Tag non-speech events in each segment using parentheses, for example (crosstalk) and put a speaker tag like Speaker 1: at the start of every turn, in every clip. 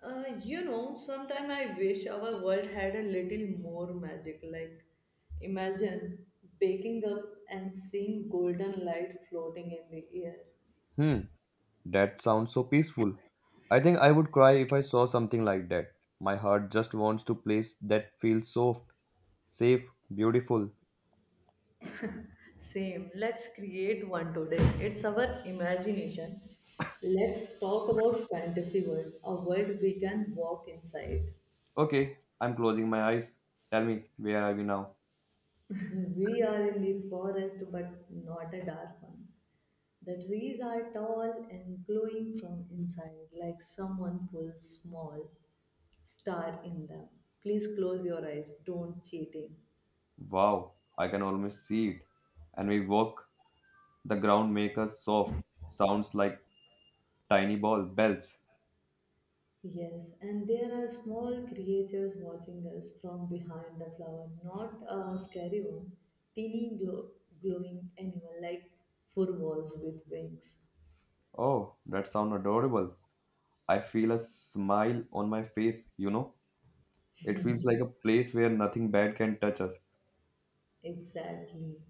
Speaker 1: Sometime I wish our world had a little more magic. Like, imagine waking up and seeing golden light floating in the air.
Speaker 2: Hmm, that sounds so peaceful. I think I would cry if I saw something like that. My heart just wants to place that feels soft, safe, beautiful.
Speaker 1: Same. Let's create one today. It's our imagination. Let's talk about fantasy world, a world we can walk inside.
Speaker 2: Okay, I'm closing my eyes. Tell me, where are we now?
Speaker 1: We are in the forest, but not a dark one. The trees are tall and glowing from inside, like someone pulls small star in them. Please close your eyes, don't cheating.
Speaker 2: Wow, I can almost see it. And we walk, the ground makes us soft. Sounds like tiny ball bells.
Speaker 1: Yes, and there are small creatures watching us from behind the flower, not a scary one, teeny glowing animal like four walls with wings.
Speaker 2: Oh, that sound adorable. I feel a smile on my face, you know? It feels like a place where nothing bad can touch us.
Speaker 1: Exactly.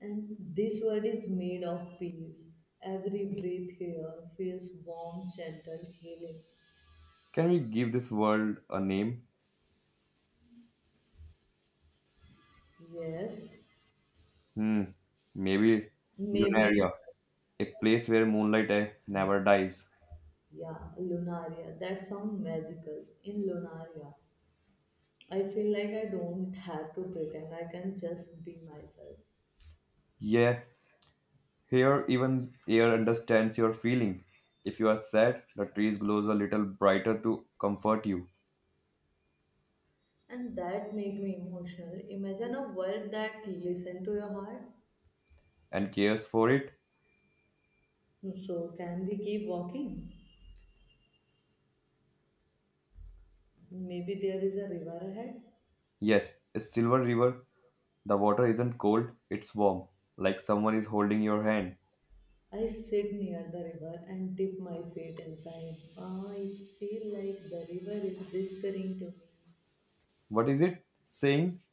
Speaker 1: And this world is made of peace. Every breath here feels warm, gentle, healing.
Speaker 2: Can we give this world a name?
Speaker 1: Yes,
Speaker 2: Hmm, maybe
Speaker 1: maybe.
Speaker 2: Lunaria, a place where moonlight never dies.
Speaker 1: Yeah, Lunaria. That sounds magical. In Lunaria, I feel like I don't have to pretend. I can just be myself.
Speaker 2: Yeah, here even air understands your feeling. If you are sad, the trees glows a little brighter to comfort you
Speaker 1: And that make me emotional. Imagine a world that listen to your heart.
Speaker 2: and cares for it.
Speaker 1: So can we keep walking? Maybe there is a river ahead.
Speaker 2: Yes, a silver river. The water isn't cold, it's warm, like someone is holding your hand.
Speaker 1: I sit near the river and dip my feet inside. Ah, it feels like the river is whispering to me.
Speaker 2: What is it saying?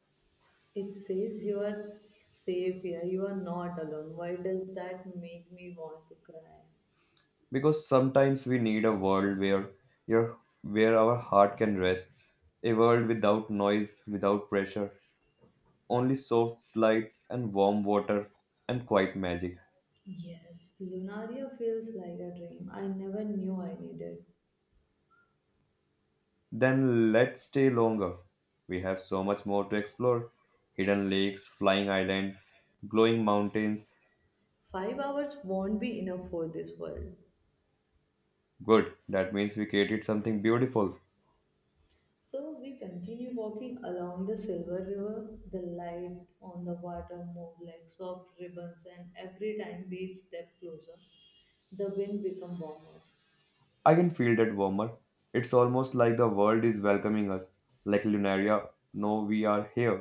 Speaker 1: It says you are safe here. You are not alone. Why does that make me want to cry?
Speaker 2: Because sometimes we need a world your where our heart can rest, a world without noise, without pressure, only soft light and warm water and quiet magic.
Speaker 1: Yes, Lunaria feels like a dream I never knew I needed.
Speaker 2: Then let's stay longer, we have so much more to explore: hidden lakes, flying island, glowing mountains.
Speaker 1: 5 hours won't be enough for this world.
Speaker 2: Good, that means we created something beautiful.
Speaker 1: So we continue walking along the silver river. The light on the water moved like soft ribbons, and every time we step closer, the wind becomes warmer.
Speaker 2: I can feel that warmer. It's almost like the world is welcoming us, like Lunaria. No, we are here.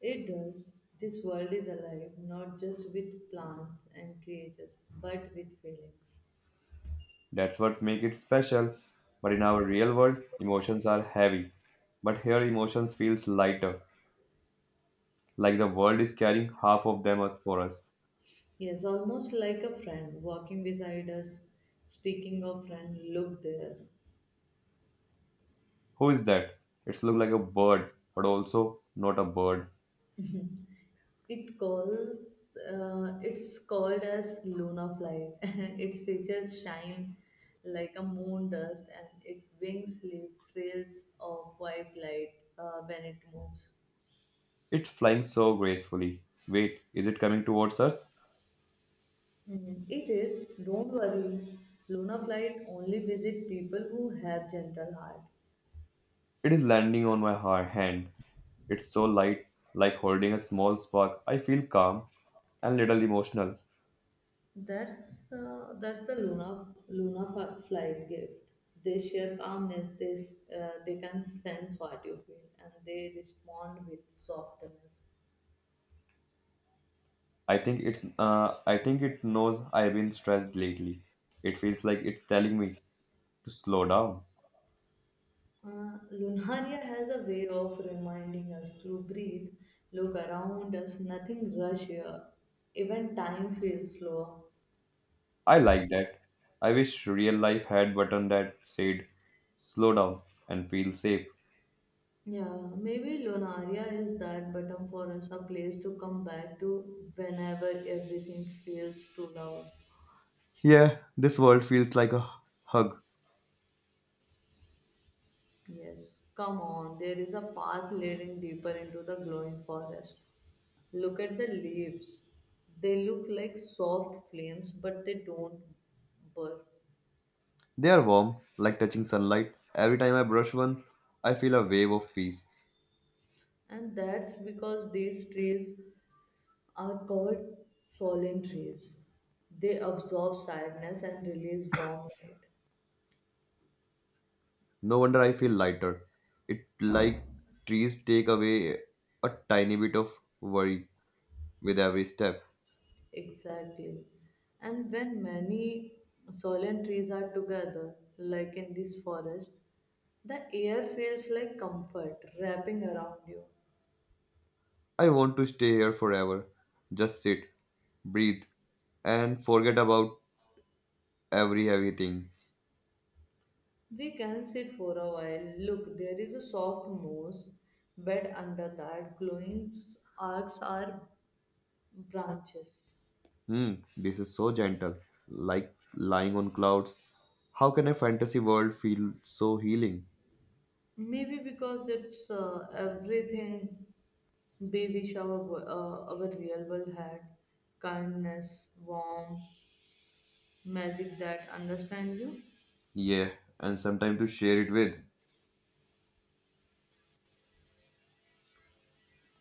Speaker 1: It does. This world is alive, not just with plants and creatures, but with feelings.
Speaker 2: That's what make it special. But in our real world, emotions are heavy. But here emotions feels lighter, like the world is carrying half of them as for us.
Speaker 1: Yes, almost like a friend walking beside us. Speaking of friend, look there.
Speaker 2: Who is that? It's look like a bird, but also not a bird.
Speaker 1: It calls. It's called as Luna Flight. (laughs) Its features shine like a moon dust, and its wings leave trails of white light when it moves.
Speaker 2: It's flying so gracefully. Wait, is it coming towards us?
Speaker 1: Mm, it is. Don't worry. Luna Flight only visit people who have gentle heart.
Speaker 2: It is landing on my hand. It's so light, like holding a small spark. I feel calm and little emotional.
Speaker 1: That's a Luna Flight gift. They share calmness. They can sense what you feel, and they respond with softness.
Speaker 2: I think it's I think it knows I've been stressed lately. It feels like it's telling me to slow down.
Speaker 1: Lunaria has a way of reminding us to breathe, look around us. Nothing rush here. Even time feels slower.
Speaker 2: I like that. I wish real life had button that said slow down and feel safe.
Speaker 1: Yeah, maybe Lunaria is that button for us, a place to come back to whenever everything feels too loud.
Speaker 2: Yeah, this world feels like a hug.
Speaker 1: Yes, come on, there is a path leading deeper into the glowing forest. Look at the leaves. They look like soft flames, but they don't burn.
Speaker 2: They are warm, like touching sunlight. Every time I brush one, I feel a wave of peace.
Speaker 1: And that's because these trees are called solen trees. They absorb sadness and release warm light.
Speaker 2: No wonder I feel lighter. It like trees take away a tiny bit of worry with every step.
Speaker 1: Exactly. And when many solemn trees are together, like in this forest, the air feels like comfort wrapping around you.
Speaker 2: I want to stay here forever. Just sit, breathe, and forget about every heavy thing.
Speaker 1: We can sit for a while. Look, there is a soft moss bed under that. Glowing arcs are branches.
Speaker 2: Hmm, this is so gentle, like lying on clouds. How can a fantasy world feel so healing?
Speaker 1: Maybe because it's everything we wish our real world had kindness, warmth, magic that understand you.
Speaker 2: Yeah, and sometime to share it with.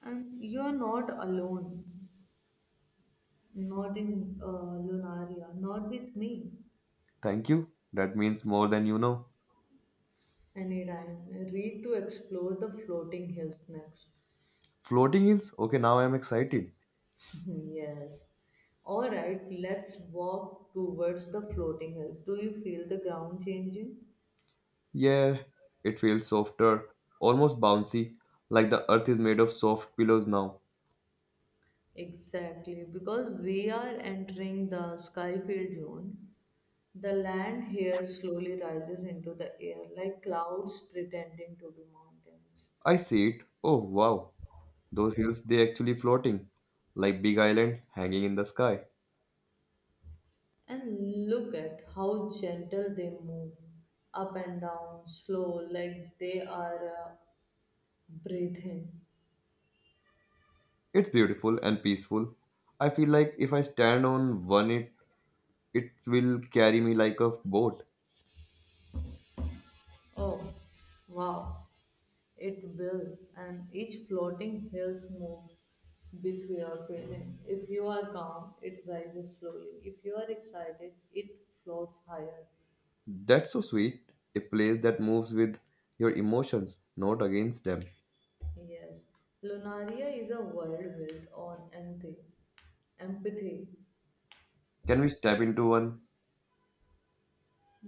Speaker 1: And you are not alone, not in Lunaria, not with me.
Speaker 2: Thank you. That means more than you know.
Speaker 1: Anytime. Read to explore the floating hills next.
Speaker 2: Floating hills? Okay, now I'm excited.
Speaker 1: (laughs) Yes. All right, let's walk towards the floating hills. Do you feel the ground changing?
Speaker 2: Yeah, it feels softer, almost bouncy, like the earth is made of soft pillows now.
Speaker 1: Exactly, because we are entering the Skyfield Zone. The land here slowly rises into the air like clouds pretending to be mountains.
Speaker 2: I see it. Oh wow, those hills they actually floating, like big island hanging in the sky.
Speaker 1: And look at how gentle they move up and down, slow, like they are breathing.
Speaker 2: It's beautiful and peaceful. I feel like if I stand on one it will carry me like a boat.
Speaker 1: Oh, wow, it will. And each floating hills move with your feeling. If you are calm, it rises slowly. If you are excited, it floats higher.
Speaker 2: That's so sweet. A place that moves with your emotions, not against them.
Speaker 1: Yes, Lunaria is a world built on empathy, empathy.
Speaker 2: Can we step into one?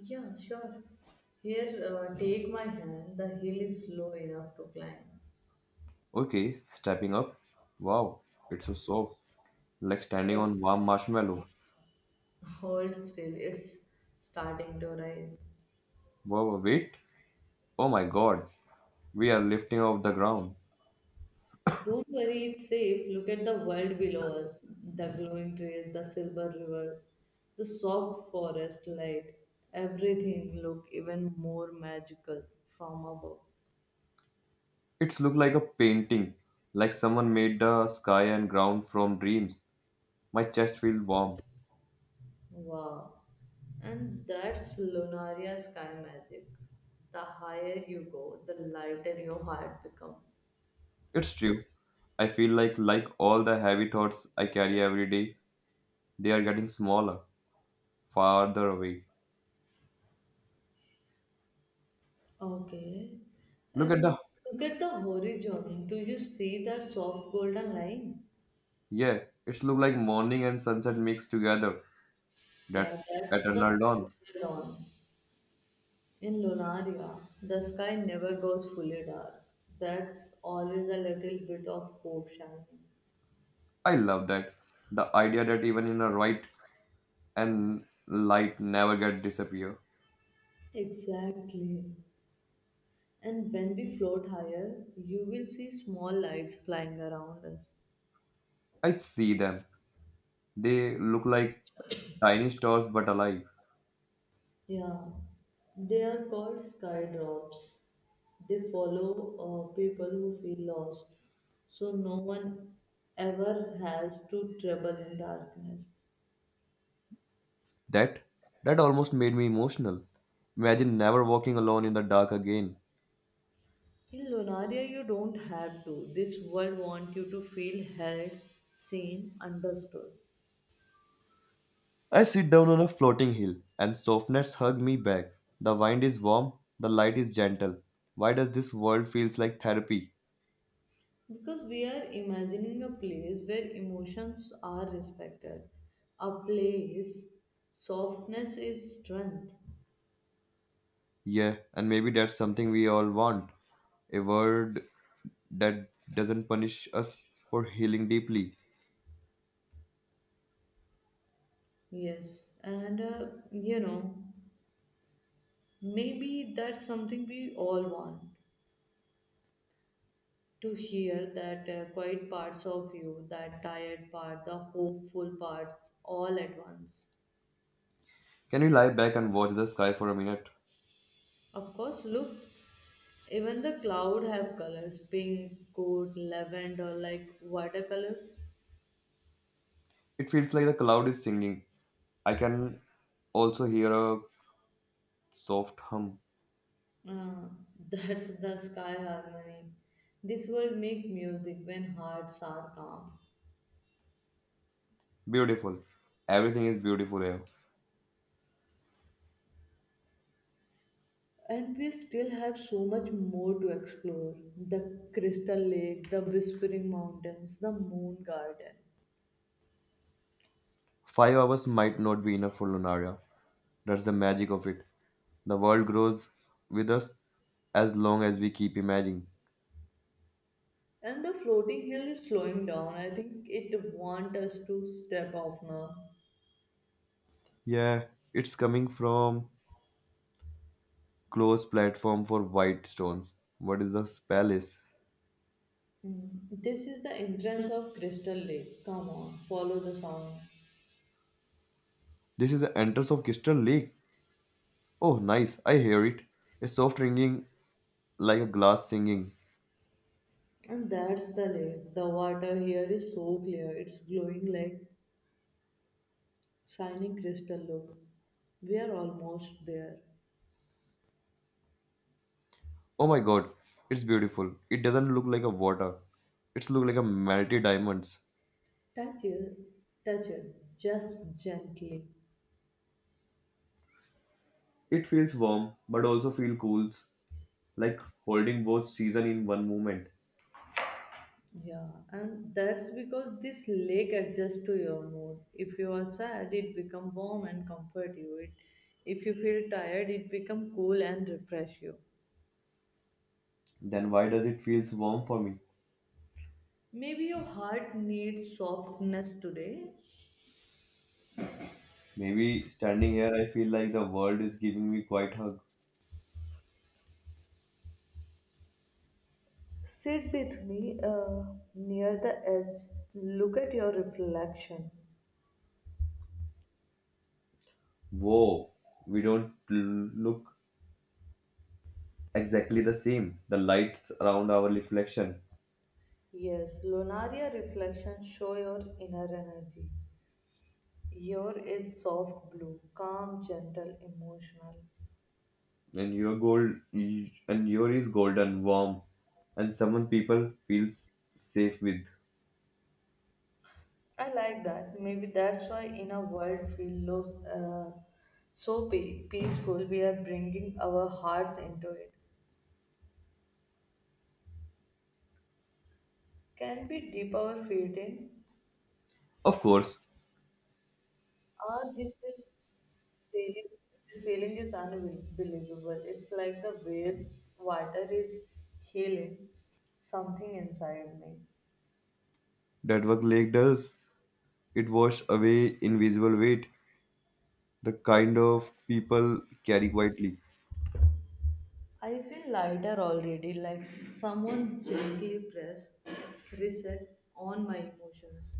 Speaker 1: Yeah, sure. Here, take my hand. The hill is low enough to climb.
Speaker 2: Okay, stepping up. Wow, it's so soft. Like standing
Speaker 1: Let's
Speaker 2: on warm marshmallow.
Speaker 1: hold still. It's starting to rise.
Speaker 2: Wow, wait. Oh my god, we are lifting off the ground.
Speaker 1: Don't worry, it's safe. Look at the world below us: the glowing trees, the silver rivers, the soft forest light. Everything look even more magical from above.
Speaker 2: It's look like a painting, like someone made the sky and ground from dreams. My chest feels warm.
Speaker 1: Wow. And that's Lunaria sky magic. The higher you go, the lighter your heart becomes.
Speaker 2: It's true. I feel like all the heavy thoughts I carry every day, they are getting smaller, farther away.
Speaker 1: Okay.
Speaker 2: Look at
Speaker 1: And
Speaker 2: the
Speaker 1: look at the horizon. Do you see that soft golden line?
Speaker 2: Yeah, it's look like morning and sunset mixed together.
Speaker 1: Yeah,
Speaker 2: That's
Speaker 1: that's the
Speaker 2: eternal dawn.
Speaker 1: dawn. In Lunaria, the sky never goes fully dark. That's always a little bit of hope shining.
Speaker 2: I love that. The idea that even in a right and light never get disappear.
Speaker 1: Exactly. And when we float higher, you will see small lights flying around us.
Speaker 2: I see them. They look like tiny stars but alive.
Speaker 1: Yeah, they are called skydrops. They follow people who feel lost, so no one ever has to travel in darkness.
Speaker 2: That that almost made me emotional. Imagine never walking alone in the dark again.
Speaker 1: In Lunaria, you don't have to. This world wants you to feel held, seen, understood.
Speaker 2: I sit down on a floating hill, and softness hug me back. The wind is warm, the light is gentle. Why does this world feels like therapy?
Speaker 1: Because we are imagining a place where emotions are respected, a place softness is strength.
Speaker 2: Yeah, and maybe that's something we all want. A world that doesn't punish us for healing deeply.
Speaker 1: Yes, and you know. maybe that's something we all want to hear that quiet parts of you, that tired part, the hopeful parts, all at once.
Speaker 2: Can we lie back and watch the sky for a minute?
Speaker 1: Of course, look, even the cloud have colors: pink, gold, lavender, like watercolors.
Speaker 2: It feels like the cloud is singing. I can also hear a soft hum.
Speaker 1: Uh, (laughs) that's the sky harmony. This will make music when hearts are calm.
Speaker 2: Beautiful. Everything is beautiful here.
Speaker 1: And we still have so much more to explore: the crystal lake, the whispering mountains, the moon garden.
Speaker 2: 5 hours might not be enough for Lunaria. That's the magic of it. The world grows with us as long as we keep imagining.
Speaker 1: And the floating hill is slowing down. I think it wants us to step off now.
Speaker 2: Yeah, it's coming from closed platform for white stones. What is the palace?
Speaker 1: Hmm. This is the entrance of Crystal Lake. Come on, follow the sound.
Speaker 2: This is the entrance of Crystal Lake. Oh, nice. I hear it. A soft ringing like a glass singing.
Speaker 1: And that's the lake. The water here is so clear, it's glowing like shining crystal. Look, we are almost there.
Speaker 2: Oh my god, it's beautiful. It doesn't look like a water. It's look like a melted diamonds.
Speaker 1: Touch it, touch it, just gently.
Speaker 2: It feels warm, but also feel cool, like holding both season in one moment.
Speaker 1: Yeah, and that's because this lake adjusts to your mood. If you are sad, it become warm and comfort you. If you feel tired, it become cool and refresh you.
Speaker 2: Then why does it feels warm for me?
Speaker 1: Maybe your heart needs softness today.
Speaker 2: Maybe standing here, I feel like the world is giving me quite hug.
Speaker 1: Sit with me near the edge. Look at your reflection.
Speaker 2: Whoa, we don't look exactly the same. The lights around our reflection,
Speaker 1: Yes, Lunaria reflection show your inner energy. Your is soft blue, calm, gentle, emotional.
Speaker 2: and your gold, and your is golden, warm, and someone people feels safe with.
Speaker 1: I like that. Maybe that's why in a world we lost so peaceful, we are bringing our hearts into it. Can we dip our feet in?
Speaker 2: Of course,
Speaker 1: Ah, this is feeling. This feeling is unbelievable. It's like the waves water is healing something inside me.
Speaker 2: that what lake does. It washes away invisible weight, the kind of people carry quietly.
Speaker 1: I feel lighter already, like someone gently pressed reset on my emotions.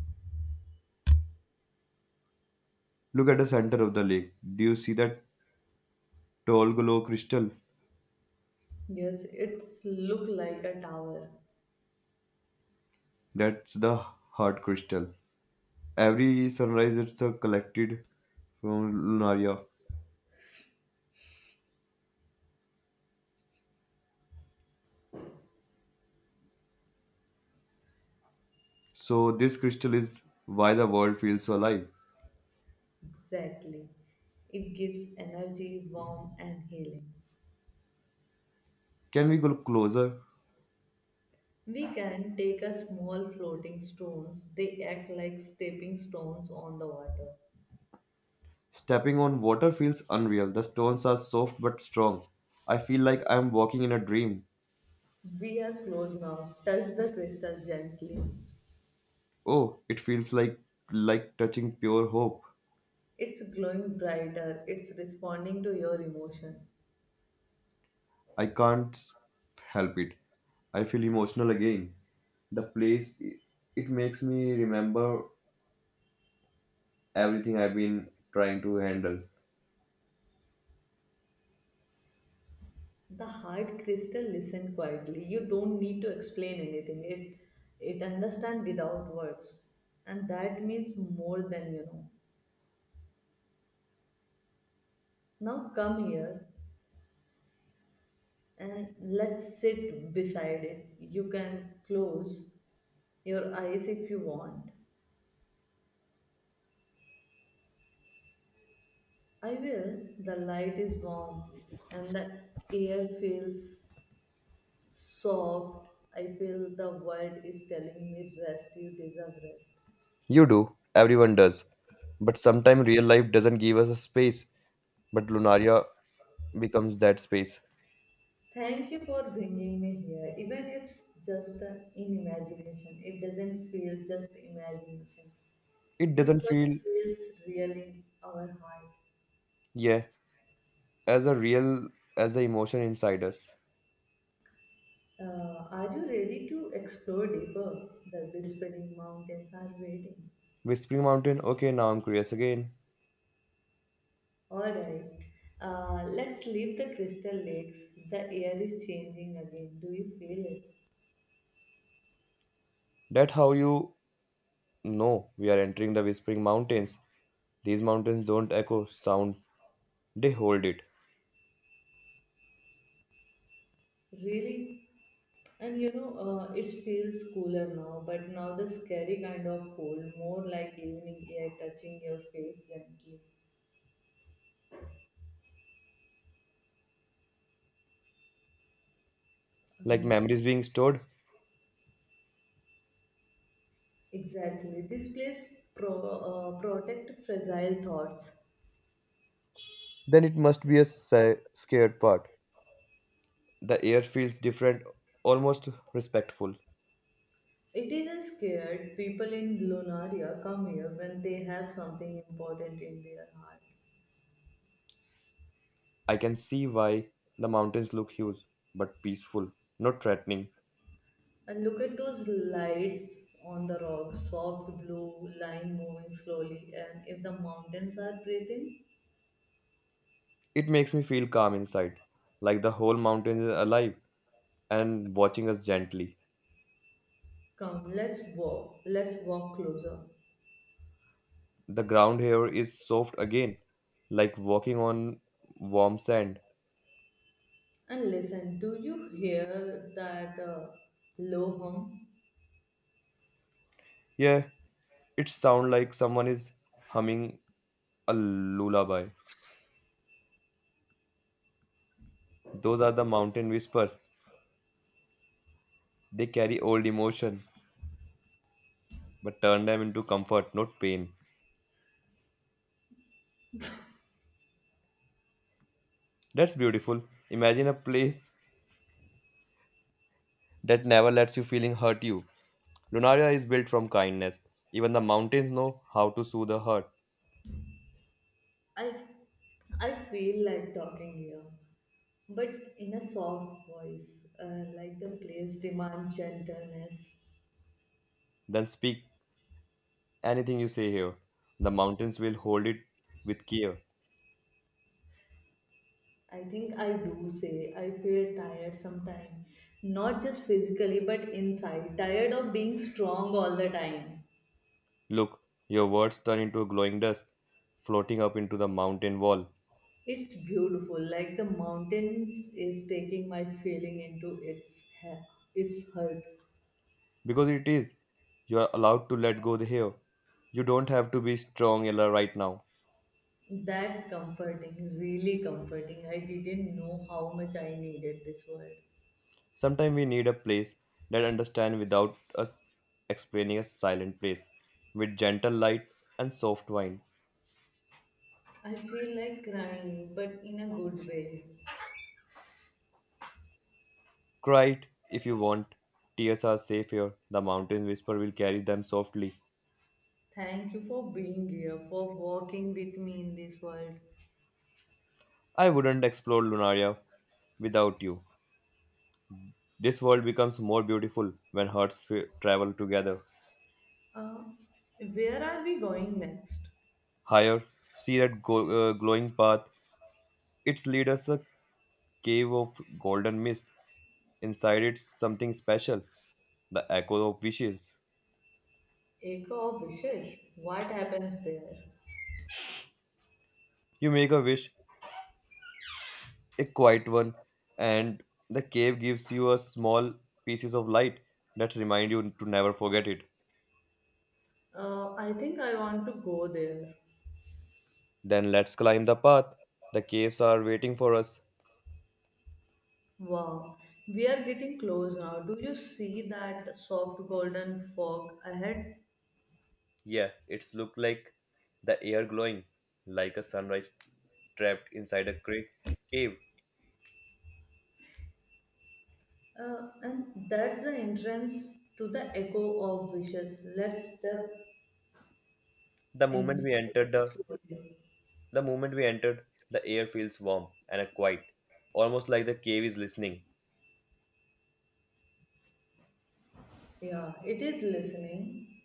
Speaker 2: Look at the center of the lake. Do you see that tall glow crystal?
Speaker 1: Yes, it's look like a tower.
Speaker 2: That's the heart crystal. Every sunrise it's collected from Lunaria. So this crystal is why the world feels so alive.
Speaker 1: Exactly. It gives energy, warmth, and healing.
Speaker 2: Can we go closer?
Speaker 1: We can take a small floating stones. They act like stepping stones on the water.
Speaker 2: Stepping on water feels unreal. The stones are soft but strong. I feel like I'm walking in a dream.
Speaker 1: We are close now. Touch the crystal gently.
Speaker 2: Oh, it feels like touching pure hope.
Speaker 1: It's glowing brighter. It's responding to your emotion.
Speaker 2: I can't help it. I feel emotional again. The place it makes me remember everything I've been trying to handle.
Speaker 1: The hard crystal listen quietly. You don't need to explain anything. It understand without words. And that means more than you know. Now come here and let's sit beside it. You can close your eyes if you want. I will. The light is warm and the air feels soft. I feel the world is telling me rest. You deserve rest.
Speaker 2: You do, everyone does. But sometimes real life doesn't give us a space, but Lunaria becomes that space.
Speaker 1: Thank you for bringing me here. Even it's just in imagination. It doesn't feel just imagination.
Speaker 2: It
Speaker 1: This
Speaker 2: doesn't
Speaker 1: world
Speaker 2: feel,
Speaker 1: feels real in our heart.
Speaker 2: yeah, as a real as the emotion inside us.
Speaker 1: Are you ready to explore deeper? The whispering mountains are waiting.
Speaker 2: Whispering Mountain, okay, now I'm curious again.
Speaker 1: Alright, let's leave the crystal lakes. The air is changing again. Do you feel
Speaker 2: That how you know we are entering the Whispering Mountains. These mountains don't echo sound, they hold it.
Speaker 1: it? Really? And it feels cooler now, but now the scary kind of cold, more like evening air touching your face gently.
Speaker 2: Like
Speaker 1: Uh,
Speaker 2: memories being stored,
Speaker 1: exactly. This place protect fragile thoughts.
Speaker 2: then it must be a scared part. The air feels different, almost respectful.
Speaker 1: It is scared people in Lunaria come here when they have something important in their heart.
Speaker 2: I can see why the mountains look huge, but peaceful, not threatening.
Speaker 1: And look at those lights on the rocks, soft blue line moving slowly. And if the mountains are breathing,
Speaker 2: It makes me feel calm inside, like the whole mountain is alive and watching us gently.
Speaker 1: come, Let's walk. Closer.
Speaker 2: The ground here is soft again, like walking on warm sand.
Speaker 1: And listen, do you hear that low hum?
Speaker 2: Yeah, it sounds like someone is humming a lullaby. Those are the mountain whispers. They carry old emotion, but turn them into comfort, not pain. That's beautiful. Imagine a place that never lets you feeling hurt you. Lunaria is built from kindness. Even the mountains know how to soothe a heart.
Speaker 1: I, I feel like talking here but in a soft voice, like the place demands gentleness.
Speaker 2: Then speak anything you say here. The mountains will hold it with care.
Speaker 1: I think I do say I feel tired sometimes. Not just physically, but inside. Tired of being strong all the time.
Speaker 2: Look, your words turn into a glowing dust floating up into the mountain wall.
Speaker 1: It's beautiful, like the mountains is taking my feeling into its heart.
Speaker 2: Because it is. You are allowed to let go the here. You don't have to be strong Ella, right now.
Speaker 1: That's comforting, really comforting. I didn't know how much I needed this word.
Speaker 2: Sometimes we need a place that understands without us explaining, a silent place with gentle light and soft wine.
Speaker 1: I feel like crying, but in a good way.
Speaker 2: Cry it if you want. Tears are safe here. The mountain whisper will carry them softly.
Speaker 1: Thank you for being here, for walking with me in this world.
Speaker 2: I wouldn't explore Lunaria without you. This world becomes more beautiful when hearts travel together.
Speaker 1: Uh, where are we going next?
Speaker 2: Higher, see that glowing path. Its leaders a cave of golden mist. Inside it's something special, the echo of wishes.
Speaker 1: Echo of Wishes. What happens there?
Speaker 2: You make a wish, a quiet one, and the cave gives you a small pieces of light that remind you to never forget it.
Speaker 1: I think I want to go there.
Speaker 2: Then let's climb the path. The caves are waiting for us.
Speaker 1: Wow, we are getting close now. Do you see that soft golden fog ahead?
Speaker 2: Yeah, it's look like the air glowing, like a sunrise trapped inside a cave.
Speaker 1: And that's the entrance to the Echo of Wishes. Let's step
Speaker 2: The moment we
Speaker 1: inside
Speaker 2: entered the
Speaker 1: slowly.
Speaker 2: the moment we entered, the air feels warm and quiet, almost like the cave is listening.
Speaker 1: Yeah, it is listening.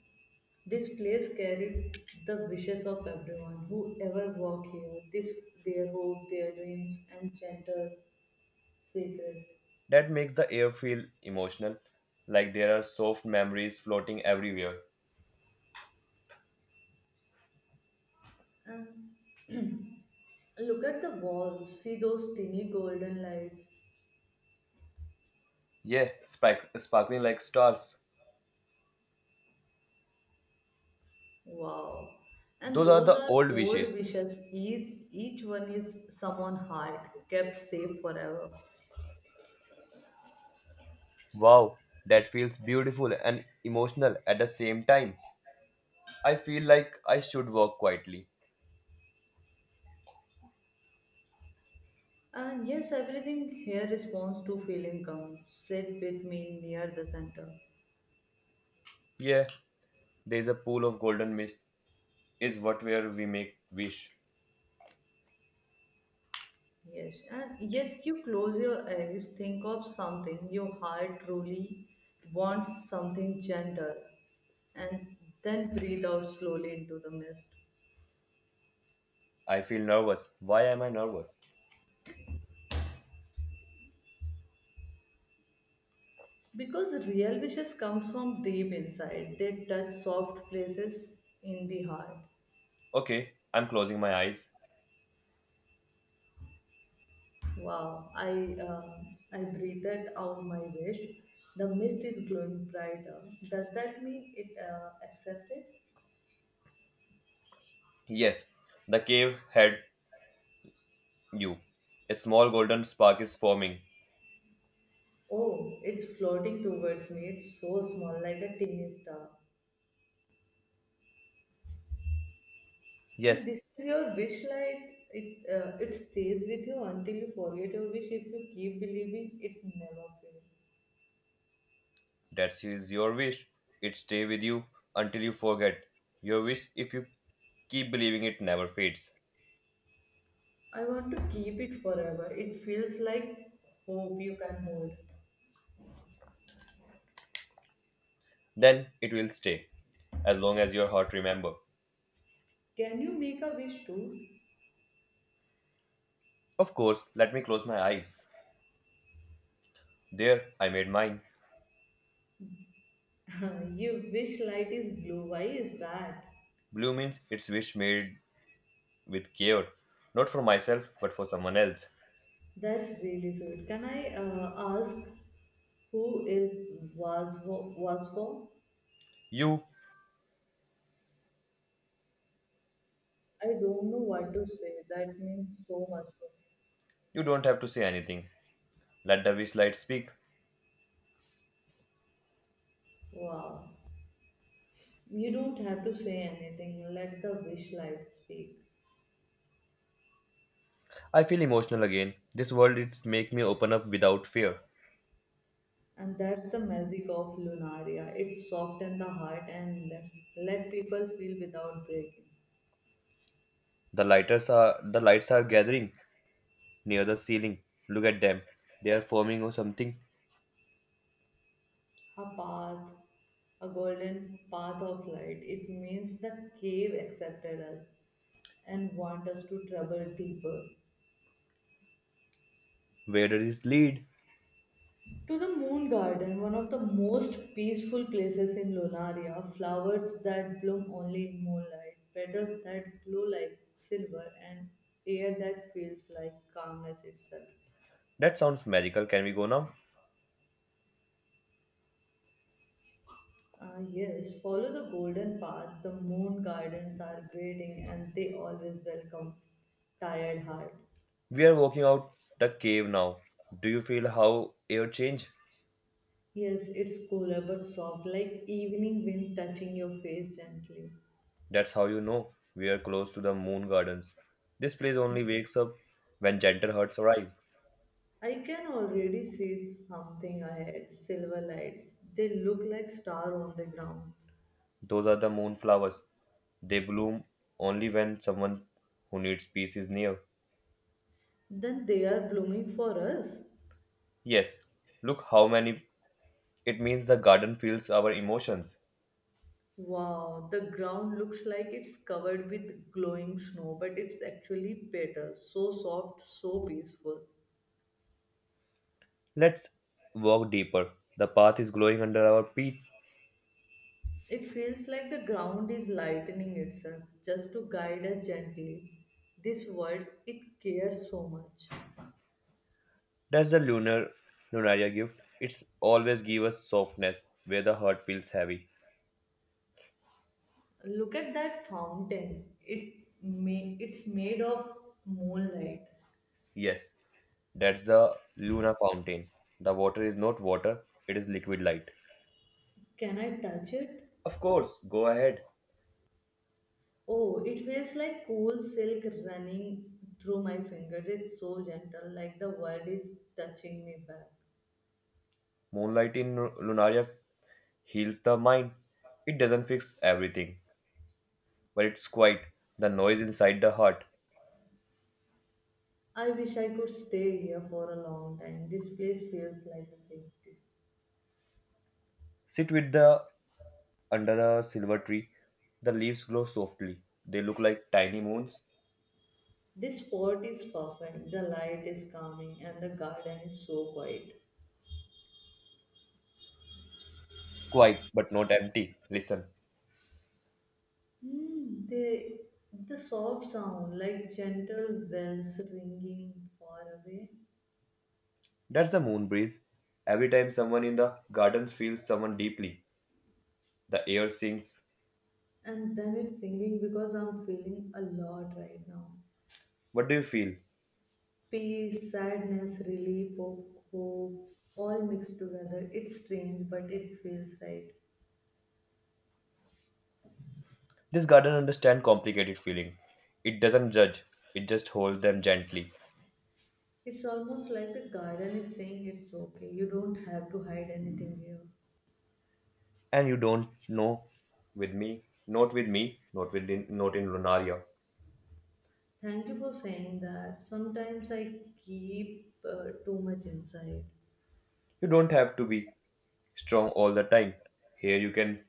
Speaker 1: This place carried the wishes of everyone who ever walked here, this their hope, their dreams, and gentle secrets.
Speaker 2: That makes the air feel emotional, like there are soft memories floating everywhere.
Speaker 1: And (clears throat) look at the walls, see those tiny golden lights.
Speaker 2: Yeah, sparkling like stars.
Speaker 1: Wow. And
Speaker 2: Those are
Speaker 1: those
Speaker 2: the
Speaker 1: are
Speaker 2: old
Speaker 1: old
Speaker 2: wishes.
Speaker 1: wishes. Each one is someone's heart, kept safe forever.
Speaker 2: Wow, that feels beautiful and emotional at the same time. I feel like I should walk quietly.
Speaker 1: And yes, everything here responds to feeling comes. Sit with me near the center.
Speaker 2: Yeah, there's a pool of golden mist is what where we make wish.
Speaker 1: Yes, and yes, you close your eyes, think of something your heart truly wants, something gentle, and then breathe out slowly into the mist.
Speaker 2: I feel nervous. Why am I nervous?
Speaker 1: Because real wishes come from deep inside, they touch soft places in the heart.
Speaker 2: Okay, I'm closing my eyes.
Speaker 1: Wow, I breathed out my wish. The mist is glowing brighter. Does that mean it accepted?
Speaker 2: Yes, the cave had you. A small golden spark is forming.
Speaker 1: Oh, it's floating towards me. It's so small, like a teeny star. And
Speaker 2: Yes,
Speaker 1: this is your wish light. It stays with you until you forget your wish. If you keep believing, it never fails.
Speaker 2: that is your wish. It stay with you until you forget. Your wish, if you keep believing, it never fades.
Speaker 1: I want to keep it forever. It feels like hope you can hold.
Speaker 2: Then it will stay, as long as your heart remember.
Speaker 1: Can you make a wish too?
Speaker 2: Of course, let me close my eyes. There, I made mine.
Speaker 1: (laughs) Your wish light is blue. Why is that?
Speaker 2: Blue means it's wish made with care, not for myself, but for someone else.
Speaker 1: That's really sweet. Can I ask who is was for?
Speaker 2: You.
Speaker 1: I don't know what to say. That means so much to
Speaker 2: You don't have to say anything. Let the wish light speak.
Speaker 1: me. Wow. You don't have to say anything, let the wish light speak.
Speaker 2: I feel emotional again. This world it's make me open up without fear.
Speaker 1: And that's the magic of Lunaria. It softens the heart and let people feel without breaking.
Speaker 2: The lights are gathering near the ceiling. Look at them. They are forming or something.
Speaker 1: A path, a golden path of light. It means the cave accepted us and want us to travel deeper.
Speaker 2: Where does this lead?
Speaker 1: To the Moon Garden, one of the most peaceful places in Lonaria, flowers that bloom only in moonlight, petals that glow like silver, and air that feels like calmness itself.
Speaker 2: That sounds magical. Can we go now?
Speaker 1: Ah, yes, follow the golden path. The moon gardens are waiting and they always welcome tired heart.
Speaker 2: We are walking out the cave now. Do you feel how air change?
Speaker 1: Yes, it's cooler but soft, like evening wind touching your face gently.
Speaker 2: That's how you know we are close to the moon gardens. This place only wakes up when gentle hearts arrive.
Speaker 1: I can already see something ahead. Silver lights. They look like stars on the ground.
Speaker 2: Those are the moon flowers. They bloom only when someone who needs peace is near.
Speaker 1: Then they are blooming for us.
Speaker 2: Yes, look how many. It means the garden feels our emotions.
Speaker 1: Wow, the ground looks like it's covered with glowing snow, but it's actually better. So soft, so peaceful.
Speaker 2: Let's walk deeper. The path is glowing under our feet.
Speaker 1: It feels like the ground is lightening itself just to guide us gently. This world, it cares so much.
Speaker 2: That's the Lunaria gift. It's always give us softness where the heart feels heavy.
Speaker 1: Look at that fountain. It's made of moonlight.
Speaker 2: Yes, that's the Luna fountain. The water is not water, it is liquid light.
Speaker 1: Can I touch it?
Speaker 2: Of course, go ahead.
Speaker 1: Oh, it feels like cool silk running through my fingers. It's so gentle, like the world is touching me back.
Speaker 2: Moonlight in Lunaria heals the mind. It doesn't fix everything, but it's quiet, the noise inside the heart.
Speaker 1: I wish I could stay here for a long time. This place feels like safety.
Speaker 2: Sit with the under a silver tree. The leaves glow softly. They look like tiny moons.
Speaker 1: This spot is perfect. The light is calming and the garden is so quiet.
Speaker 2: Quiet, but not empty. Listen.
Speaker 1: Hmm, they, the soft sound, like gentle bells ringing far away.
Speaker 2: That's the moon breeze. Every time someone in the garden feels someone deeply, the air sings.
Speaker 1: And then it's singing because I'm feeling a lot right now.
Speaker 2: What do you feel?
Speaker 1: Peace, sadness, relief, hope, hope, all mixed together. It's strange, but it feels right.
Speaker 2: This garden understands complicated feeling. It doesn't judge, it just holds them gently.
Speaker 1: It's almost like the garden is saying it's okay. You don't have to hide anything here.
Speaker 2: And you don't know with me, not with me, not with not in Lunaria.
Speaker 1: Thank you for saying that. Sometimes I keep too much inside.
Speaker 2: You don't have to be strong all the time. Here you can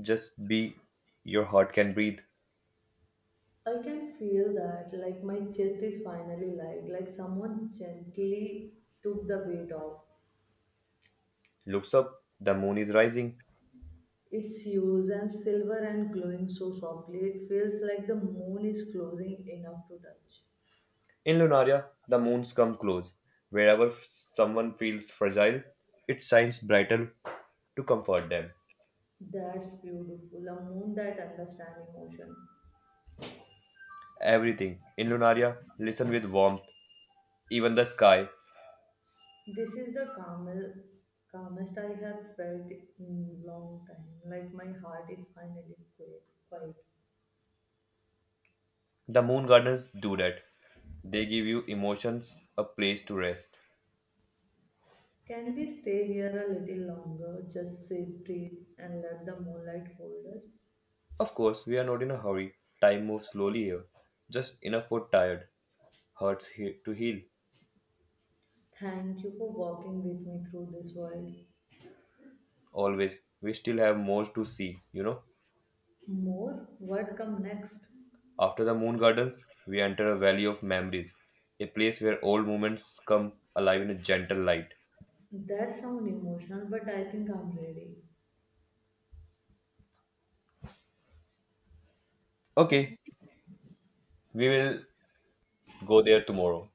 Speaker 2: just be, your heart can breathe.
Speaker 1: I can feel that, like my chest is finally light, like someone gently took the weight off.
Speaker 2: Looks up, the moon is rising.
Speaker 1: It's huge and silver and glowing so softly, it feels like the moon is closing enough to touch.
Speaker 2: In Lunaria, the moons come close. Wherever someone feels fragile, it shines brighter to comfort them.
Speaker 1: That's beautiful. A moon that understands emotion.
Speaker 2: Everything in Lunaria, listen with warmth. Even the sky.
Speaker 1: This is the calmest, calmest I have felt in long time. Like my heart is finally quiet.
Speaker 2: The moon gardens do that. They give you emotions, a place to rest.
Speaker 1: Can we stay here a little longer? Just sit, breathe, and let the moonlight hold us.
Speaker 2: Of course, we are not in a hurry. Time moves slowly here. Just enough for tired. Hurts to heal.
Speaker 1: Thank you for walking with me through this world.
Speaker 2: Always. We still have more to see.
Speaker 1: More? What come next?
Speaker 2: After the moon gardens, we enter a valley of memories. A place where old moments come alive in a gentle light.
Speaker 1: That sound emotional, but I think I'm ready. I
Speaker 2: Okay,
Speaker 1: see.
Speaker 2: we will go there tomorrow.